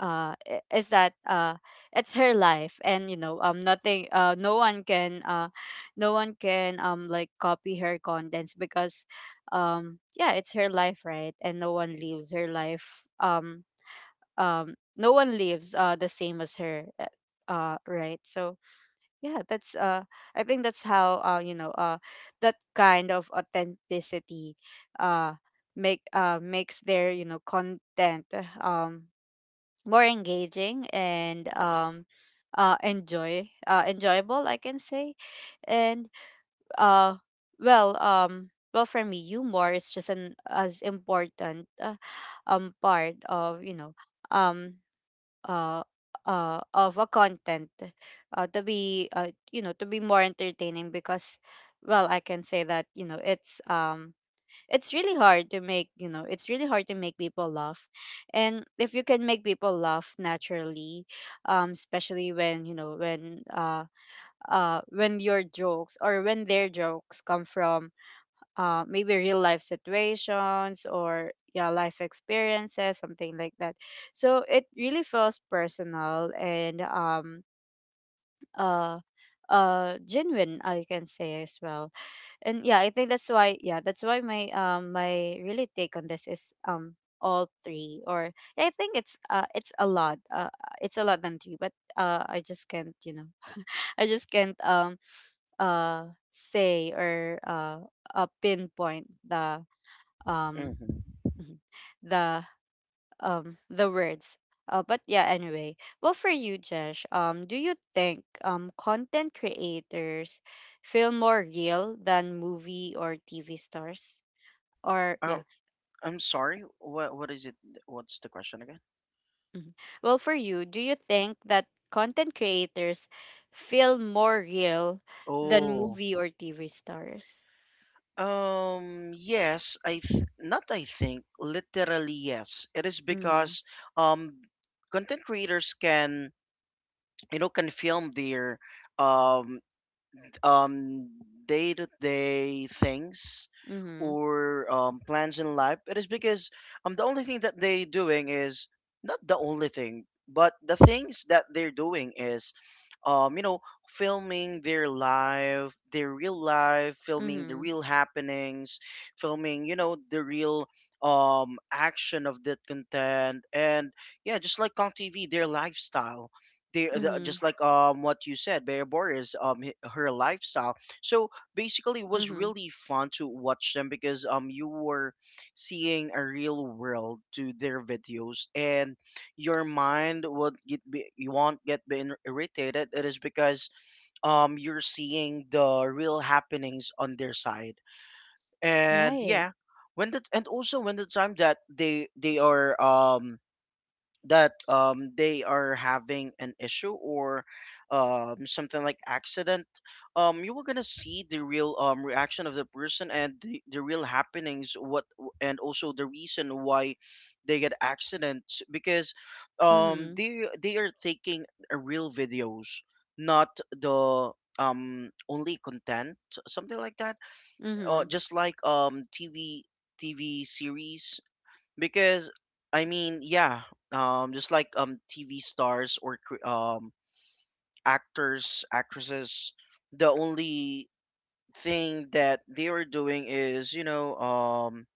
S1: uh i- is that uh it's her life. And, you know, um nothing, uh no one can uh no one can, um like, copy her contents. Because, um yeah, it's her life, right? And no one lives her life, um um no one lives uh the same as her, uh uh, right? So yeah, that's uh I think that's how, uh you know, uh that kind of authenticity uh make uh makes their, you know, content um more engaging and, um uh enjoy uh enjoyable, I can say. And uh well, um well, for me, humor is just an as important uh, um part of, you know, um uh uh of a content uh to be, uh you know, to be more entertaining. Because, well, I can say that, you know, it's um it's really hard to make, you know, it's really hard to make people laugh. And if you can make people laugh naturally, um especially when, you know, when uh uh when your jokes, or when their jokes come from, uh maybe real life situations, or yeah, life experiences, something like that. So it really feels personal and, um uh uh genuine, I can say as well. And yeah, I think that's why, yeah, that's why my, um my really take on this is, um all three, or yeah, I think it's uh it's a lot uh it's a lot than three. But uh I just can't, you know, I just can't, um uh say, or, uh, uh pinpoint the um
S2: Mm-hmm.
S1: the um the words. Uh, but yeah, anyway. Well, for you, Jesh, um, do you think um content creators feel more real than movie or T V stars? Or yeah.
S2: Oh, I'm sorry. What what is it? What's the question again?
S1: mhm. Well, for you, do you think that content creators feel more real than
S2: Oh.
S1: movie or T V stars?
S2: Um yes, I th- not I think, literally yes. It is
S1: Mhm.
S2: because um content creators can, you know, can film their um um day to day things
S1: Mhm.
S2: or um, plans in life. It is because um the only thing that they doing is, not the only thing, but the things that they're doing is, um you know filming their life, their real life, filming the
S1: Mhm.
S2: real happenings, filming, you know, the real um action of that content. And yeah, just like Kong T V, their lifestyle, they the,
S1: Mhm.
S2: just like um what you said, Bear Borders, um h- her lifestyle. So basically it was
S1: Mhm.
S2: really fun to watch them because um you were seeing a real world to their videos, and your mind would get be, you won't get been irritated, it is because um you're seeing the real happenings on their side. And
S1: Right.
S2: yeah, when the and also when the time that they they are um that um, they are having an issue or um, something like accident, um, you were gonna see the real um, reaction of the person and the, the real happenings what, and also the reason why they get accidents, because um,
S1: Mhm.
S2: they they are taking a real videos, not the um, only content, something like that. uh,
S1: Mhm.
S2: just like um, tv TV series, because I mean, yeah, um, just like um T V stars or cr- um actors, actresses, the only thing that they were doing is, you know, um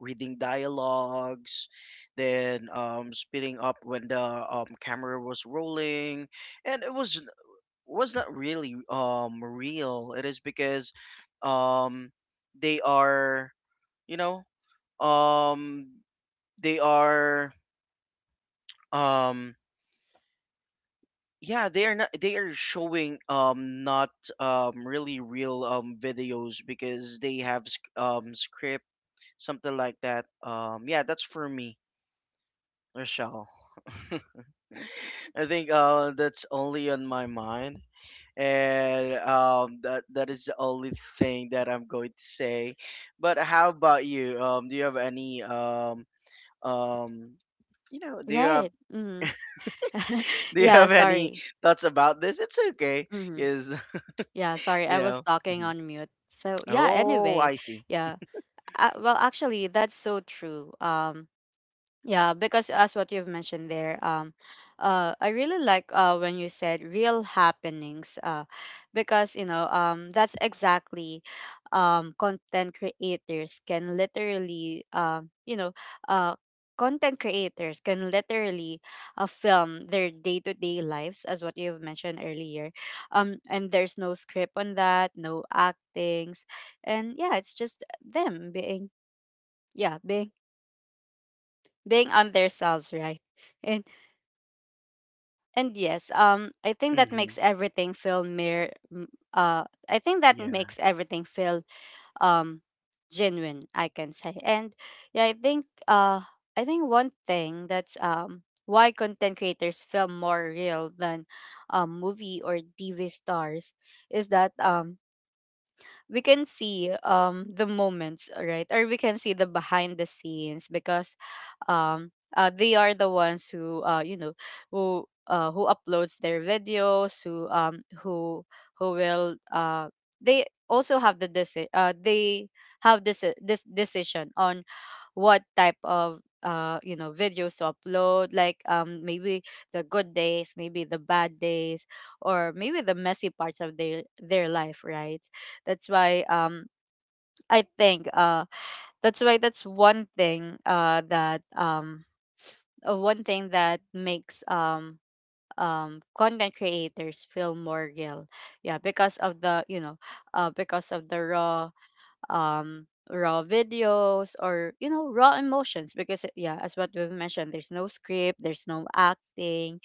S2: reading dialogues, then um speeding up when the um camera was rolling, and it was was not really um real. It is because um they are, you know, um they are um yeah, they are not, they are showing um not um really real um videos, because they have sc- um script, something like that. Um yeah, that's for me, Rochelle. I think uh that's only on my mind, and um that that is the only thing that I'm going to say. But how about you? Um do you have any um um you know, do you have
S1: Right. Mhm.
S2: do you
S1: yeah,
S2: have any
S1: sorry.
S2: thoughts about this? It's okay.
S1: Mhm.
S2: Because
S1: Yeah, sorry,
S2: you
S1: I was
S2: know?
S1: talking
S2: Mhm.
S1: on mute. So yeah,
S2: Oh,
S1: anyway,
S2: I see.
S1: yeah. Uh, well, actually, that's so true. Um, yeah, because as what you've mentioned there, um, uh, I really like uh, when you said real happenings. Uh, because you know um, that's exactly um, content creators can literally um, you know uh, content creators can literally uh, film their day to day lives as what you've mentioned earlier. Um, and there's no script on that, no actings, and yeah, it's just them being yeah being being on their selves, right? And and yes, um, I think that
S2: Hmm.
S1: makes everything feel mere. m- Uh, I think that
S2: Yeah.
S1: makes everything feel um genuine, I can say. And yeah, I think uh, I think one thing that's um why content creators feel more real than um movie or T V stars is that um we can see um the moments, uh, right? Or we can see the behind the scenes, because um uh, they are the ones who uh you know who uh who uploads their videos, who um who who will uh they also have the deci- uh they have this this decision on what type of uh you know videos to upload, like um maybe the good days, maybe the bad days, or maybe the messy parts of their their life, right? That's why um I think uh that's why that's one thing uh that um uh, one thing that makes um um content creators feel more real. Yeah, because of the you know uh because of the raw um raw videos, or you know, raw emotions, because it- yeah, as what we've mentioned, there's no script, there's no acting.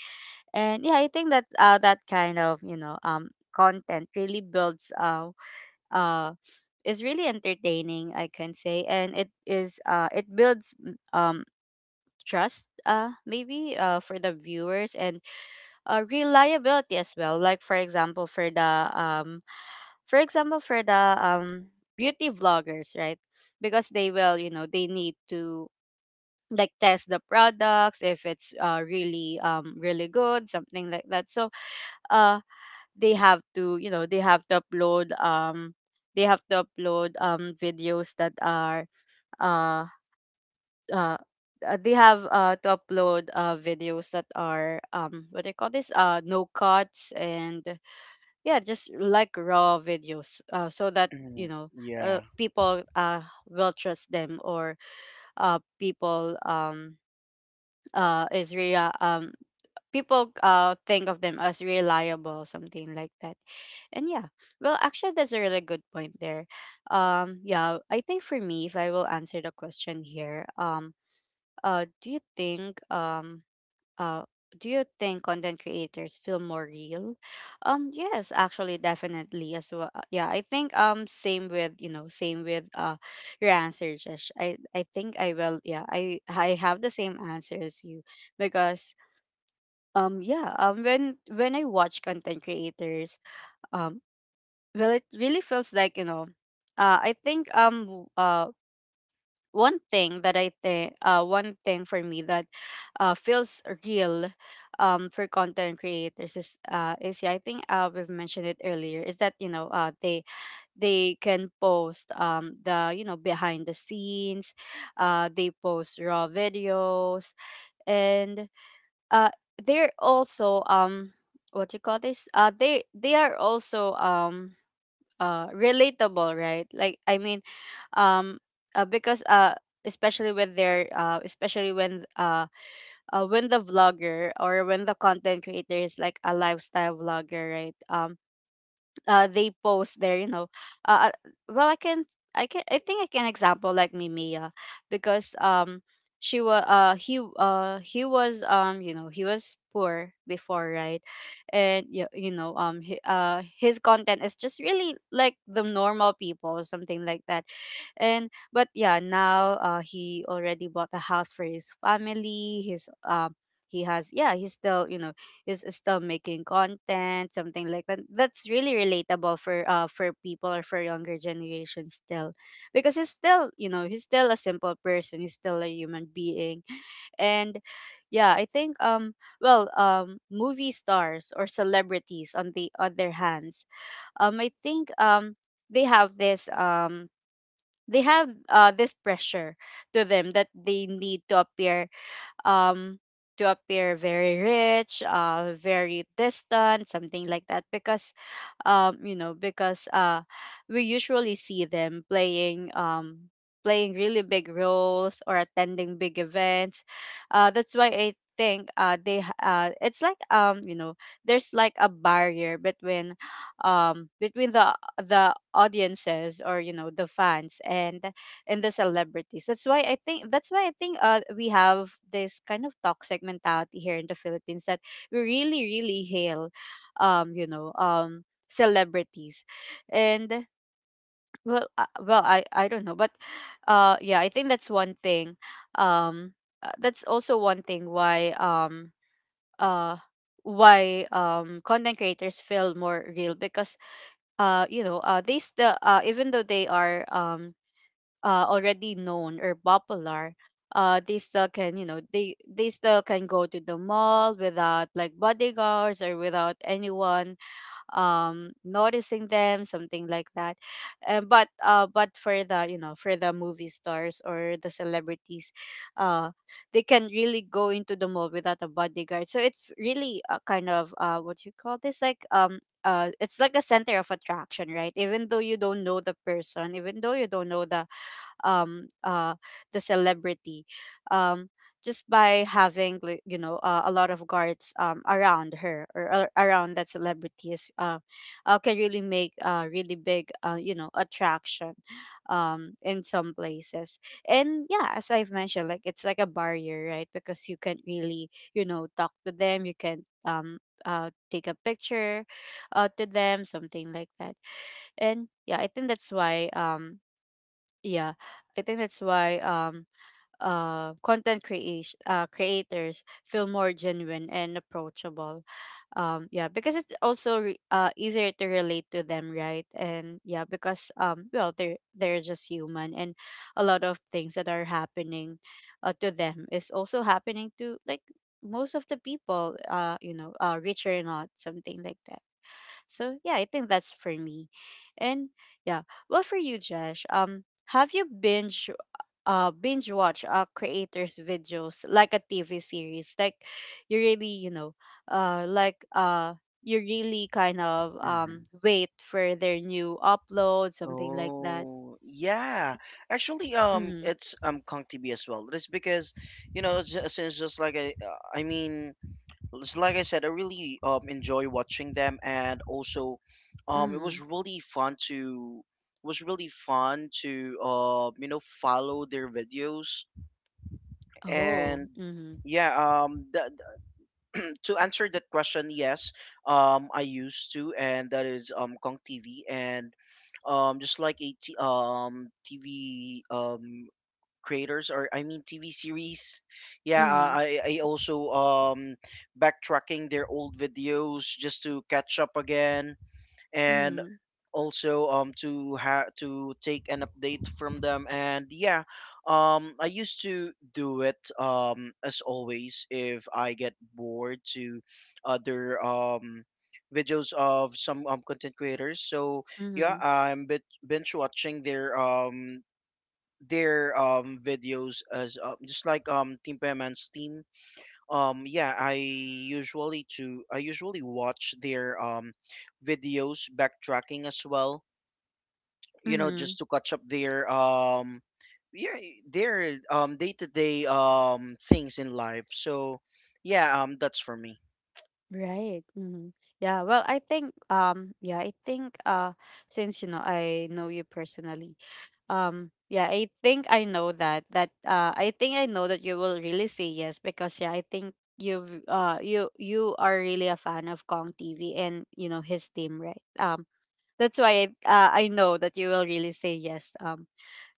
S1: And yeah, I think that uh that kind of, you know, um content really builds uh uh is really entertaining, I can say, and it is uh it builds mm, um trust, uh maybe uh for the viewers, and uh reliability as well, like for example for the um for example for the um beauty vloggers, right? Because they will, you know, they need to like test the products if it's uh really um really good, something like that. So uh they have to, you know, they have to upload um they have to upload um videos that are uh uh uh, they have uh, to upload uh, videos that are um, what do you call this, uh, no cuts, and yeah, just like raw videos, uh, so that,
S2: Hmm.
S1: you know, uh,
S2: Yeah.
S1: people uh, will trust them, or uh, people um uh is rea- um people uh think of them as reliable, something like that. And yeah, well actually, that's a really good point there. Um yeah, I think for me, if I will answer the question here, um uh do you think um uh do you think content creators feel more real? Um yes, actually, definitely as well. Uh, yeah, I think um same with, you know, same with uh your answer, Josh. i i think I will, yeah i i have the same answer as you, because um yeah, um when when I watch content creators, um well, it really feels like, you know, uh i think um w- uh one thing that I think, uh, one thing for me that uh, feels real, um, for content creators is, uh, is yeah, I think uh, we've mentioned it earlier, is that, you know, uh, they they can post, um, the, you know, behind the scenes, uh, they post raw videos, and uh, they're also, um, what you call this? Uh, they, they are also, um, uh, relatable, right? Like, I mean, um uh, because uh especially with their uh especially when, uh, uh when the vlogger, or when the content creator is like a lifestyle vlogger, right? Um uh they post there, you know, uh uh, well I can I can I think I can example like Mimia, because um she was uh he uh he was, um you know, he was poor before, right? And you, you know um he, uh his content is just really like the normal people, something like that. And but yeah, now uh he already bought a house for his family, his um he has, yeah, he's still, you know, is still making content, something like that. That's really relatable for uh for people or for younger generation still, because he's still, you know, he's still a simple person. He's still a human being. And yeah, I think, um well, um movie stars or celebrities, on the other hands, um I think um they have this, um they have uh this pressure to them, that they need to appear um to appear very rich, uh very distant, something like that, because um you know, because uh we usually see them playing, um playing really big roles, or attending big events. Uh that's why I think uh they h- uh it's like, um you know, there's like a barrier between, um between the the audiences, or you know, the fans, and and the celebrities. That's why I think, that's why I think uh we have this kind of toxic mentality here in the Philippines, that we really really hail, um you know, um celebrities. And well uh, well I I don't know, but uh yeah, I think that's one thing, um uh, that's also one thing why um uh why um content creators feel more real, because uh you know, uh they still, uh even though they are, um uh, already known or popular, uh they still can, you know, they they still can go to the mall without like bodyguards, or without anyone um noticing them, something like that. Uh, but uh but for the, you know, for the movie stars or the celebrities, uh they can really go into the mall without a bodyguard, so it's really a kind of, uh what you call this, like um uh, it's like a center of attraction, right? Even though you don't know the person, even though you don't know the um uh the celebrity, um just by having, like, you know, uh, a lot of guards um around her or ar- around that celebrity is, uh, uh can really make a really big, uh you know, attraction um in some places. And yeah, as I've mentioned, like, it's like a barrier, right? Because you can't really, you know, talk to them, you can, um uh take a picture uh to them, something like that. And yeah, I think that's why, um yeah, I think that's why um uh content creation uh creators feel more genuine and approachable. Um yeah, because it's also re- uh easier to relate to them, right? And yeah, because, um well, they're they're just human, and a lot of things that are happening uh, to them is also happening to, like, most of the people, uh you know, uh rich or not, something like that. So yeah, I think that's for me. And yeah, well, for you, Josh, um, have you binge uh binge watch uh creators' videos like a T V series? Like, you really, you know, uh like uh you really kind of,
S2: Hmm.
S1: um wait for their new upload, something like that.
S2: Oh, yeah. Actually, um,
S1: Mm-hmm.
S2: it's um Kong T V as well. It's because, you know, ju- since just like I, uh, I mean, just like I said, I really um enjoy watching them. And also, um, it
S1: Mm-hmm.
S2: was really fun to was really fun to uh you know, follow their videos.
S1: Oh.
S2: And
S1: Mm-hmm.
S2: yeah, um the, to answer that question, yes, um, I used to, and that is um Kong T V. And um just like a t- um T V um creators, or I mean T V series, yeah, uh, I I also um backtracking their old videos just to catch up again. And
S1: Mm-hmm.
S2: also um to ha to take an update from them. And yeah, um I used to do it um as always if I get bored to other um videos of some um content creators. So yeah,
S1: Mm-hmm.
S2: I'm bit binge watching their um their um videos as uh, just like um team Payman's team. um yeah, i usually to I usually watch their um videos backtracking as well, you know,
S1: Mm-hmm.
S2: just to catch up their um yeah, their um day-to-day um things in life. So yeah, um that's for me.
S1: Right. Hmm. Yeah, well, I think, um yeah, I think, uh since you know I know you personally, um yeah, I think I know that that uh I think I know that you will really say yes, because yeah, I think you've, uh you you are really a fan of Kong T V, and you know his team, right? Um that's why I, uh, I know that you will really say yes um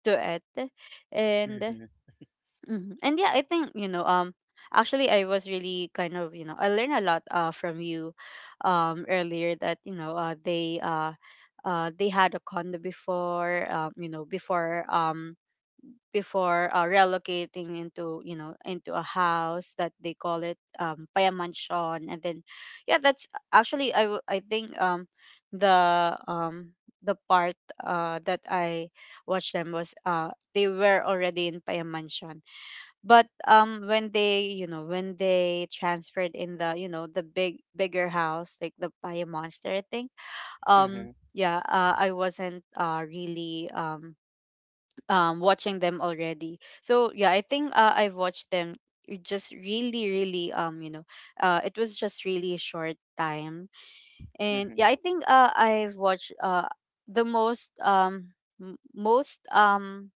S1: to it. And
S2: Mm-hmm.
S1: Mhm. And yeah, I think, you know, um actually I was really kind of, you know, I learned a lot uh from you um earlier that, you know, uh they uh uh they had a condo before, um, you know, before um before uh, relocating into you know into a house that they call it um paya mansion. And then yeah, that's actually i w- i think um the um the part uh that I watched them was uh they were already in paya mansion. But um when they, you know when they transferred in the, you know the big bigger house like the by a monster thing,
S2: Mm-hmm.
S1: um yeah uh, I wasn't uh really um um watching them already. So yeah, I think uh, I've watched them, it just really really um you know uh it was just really short time. And
S2: Hmm.
S1: yeah, I think uh I've watched uh the most um m- most um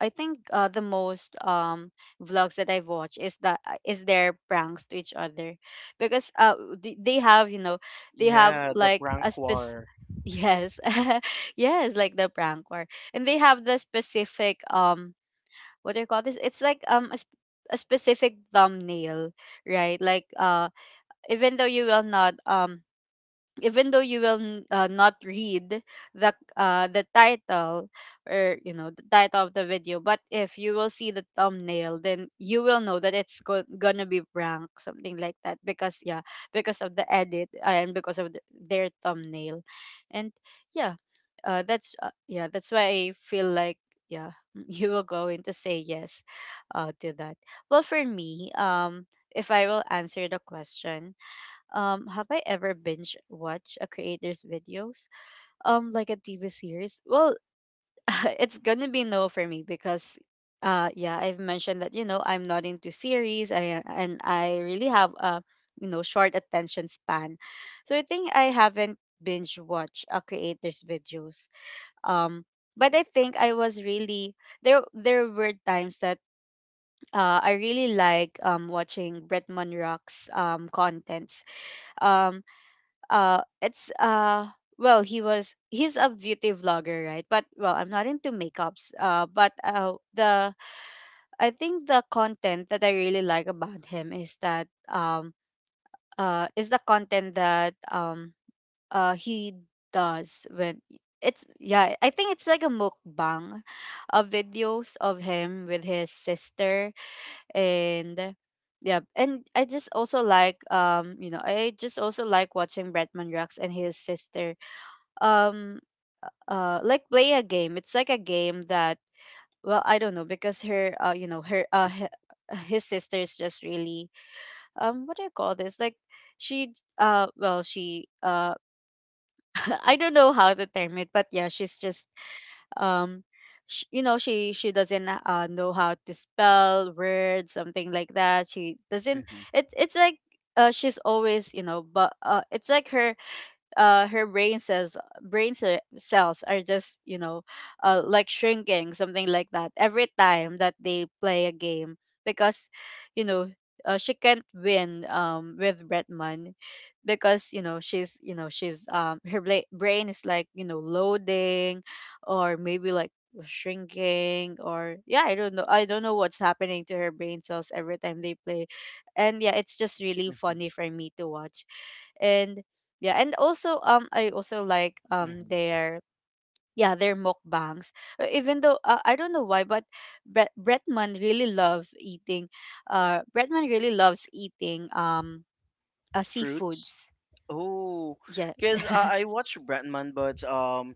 S1: I think, uh, the most um vlogs that I've watched is that, is their pranks to each other, because uh they, they have, you know they have
S2: Yeah, the
S1: like a
S2: prank
S1: spec,
S2: war.
S1: yes yes, like the prank war. And they have the specific um what do you call this, it's like um a, sp- a specific thumbnail, right? Like uh even though you will not um even though you will n- uh, not read the, uh, the title, or you know the title of the video. But if you will see the thumbnail, then you will know that it's go- gonna be prank, something like that. Because yeah, because of the edit, uh, and because of the, their thumbnail. And yeah, uh, that's uh, yeah, that's why I feel like, yeah, you will go in to say yes, uh, to that. Well, for me, um if I will answer the question, um, have I ever binge watched a creator's videos? Um, like a T V series? Well, it's gonna be no for me, because uh yeah, I've mentioned that, you know, I'm not into series, I, and I really have a, you know, short attention span. So I think I haven't binge watched a creator's videos. Um, but I think I was really, there there were times that uh I really like um watching Bretman Rock's um contents. Um, uh it's uh well, he was he's a beauty vlogger, right? But well, I'm not into makeups, uh but uh the, I think the content that I really like about him is that um uh is the content that um uh he does when, it's yeah, I think it's like a mukbang of videos of him with his sister. And yeah, and I just also like, um you know, I just also like watching Bretman Rex and his sister um uh like play a game. It's like a game that, well, I don't know, because her uh you know, her uh hi- his sister is just really um what do you call this, like, she, uh well she uh I don't know how to term it, but yeah, she's just um sh- you know, she she doesn't uh know how to spell words, something like that, she doesn't.
S2: Mm-hmm.
S1: It it's like, uh she's always, you know, but uh it's like her uh her brain cells, brain ce- cells are just, you know, uh like shrinking, something like that, every time that they play a game. Because, you know, uh, she can't win um with Bretman, because, you know, she's, you know, she's um her bla- brain is like, you know, loading or maybe like shrinking, or yeah, I don't know, I don't know what's happening to her brain cells every time they play. And yeah, it's just really
S2: Mm-hmm.
S1: funny for me to watch. And yeah, and also um I also like um
S2: Hmm.
S1: their, yeah, their mukbangs. Uh, Even though, uh, I don't know why, but Bre- Bretman really loves eating. Uh, Bretman really loves eating um uh,
S2: Fruit.
S1: seafoods.
S2: Oh,
S1: Yeah.
S2: because uh, I watched Bratman, but um,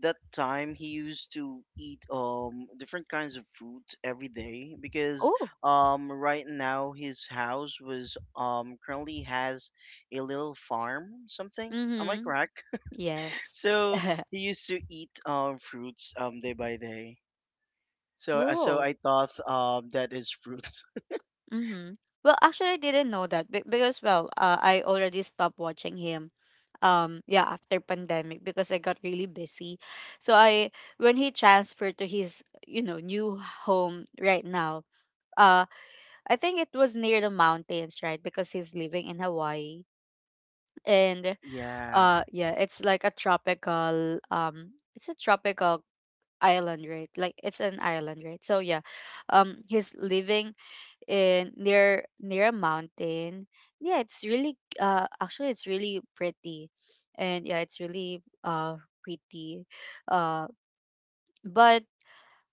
S2: that time he used to eat um different kinds of food every day, because
S1: Oh.
S2: um right now his house was um currently has a little farm something. Am I
S1: Mm-hmm.
S2: correct?
S1: Yes.
S2: So he used to eat um fruits um day by day. So uh, so
S1: Oh.
S2: I thought um that is fruits.
S1: Mm-hmm. Well, actually, I didn't know that be- because, well, uh, I already stopped watching him. Um, yeah, after pandemic, because I got really busy. So I, when he transferred to his, you know, new home right now, uh, I think it was near the mountains, right? Because he's living in Hawaii, and
S2: Yeah.
S1: uh, yeah, it's like a tropical, um, it's a tropical island, right? Like it's an island, right? So yeah, um, he's living in near near a mountain. Yeah, it's really uh actually it's really pretty. And yeah, it's really uh pretty. Uh but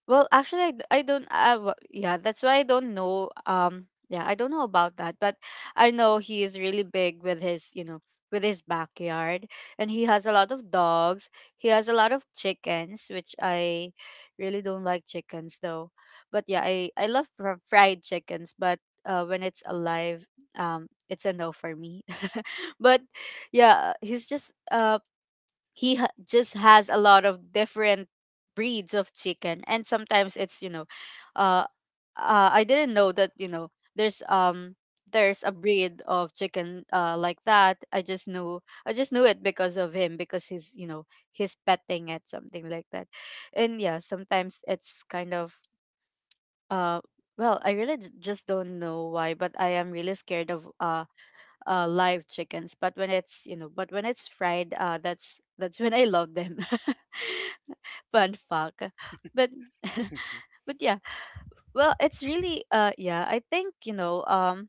S1: well, actually, I, d- I don't. I, w- yeah, that's why I don't know. Um, yeah, I don't know about that, but I know he is really big with his, you know, with his backyard, and he has a lot of dogs. He has a lot of chickens, which I really don't like chickens though. But yeah, I I love fr- fried chickens, but uh, when it's alive, um, it's a no for me. But yeah, he's just uh he ha- just has a lot of different breeds of chicken. And sometimes it's, you know, uh, uh I didn't know that, you know, there's um there's a breed of chicken uh like that. I just knew, I just knew it because of him, because he's, you know, he's petting it, something like that. And yeah, sometimes it's kind of, uh well, I really j- just don't know why, but I am really scared of uh uh, live chickens. But when it's, you know, but when it's fried, uh, that's that's when I love them. Fun fact. But
S2: Hmm.
S1: but yeah, well, it's really uh, yeah. I think, you know, um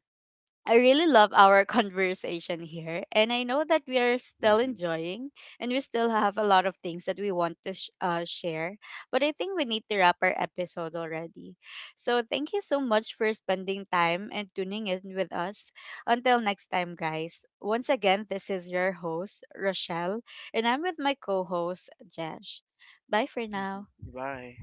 S1: I really love our conversation here, and I know that we are still enjoying, and we still have a lot of things that we want to sh- uh, share. But I think we need to wrap our episode already. So thank you so much for spending time and tuning in with us. Until next time, guys. Once again, this is your host Rochelle, and I'm with my co-host Jesh. Bye for
S2: Hmm.
S1: now.
S2: Bye.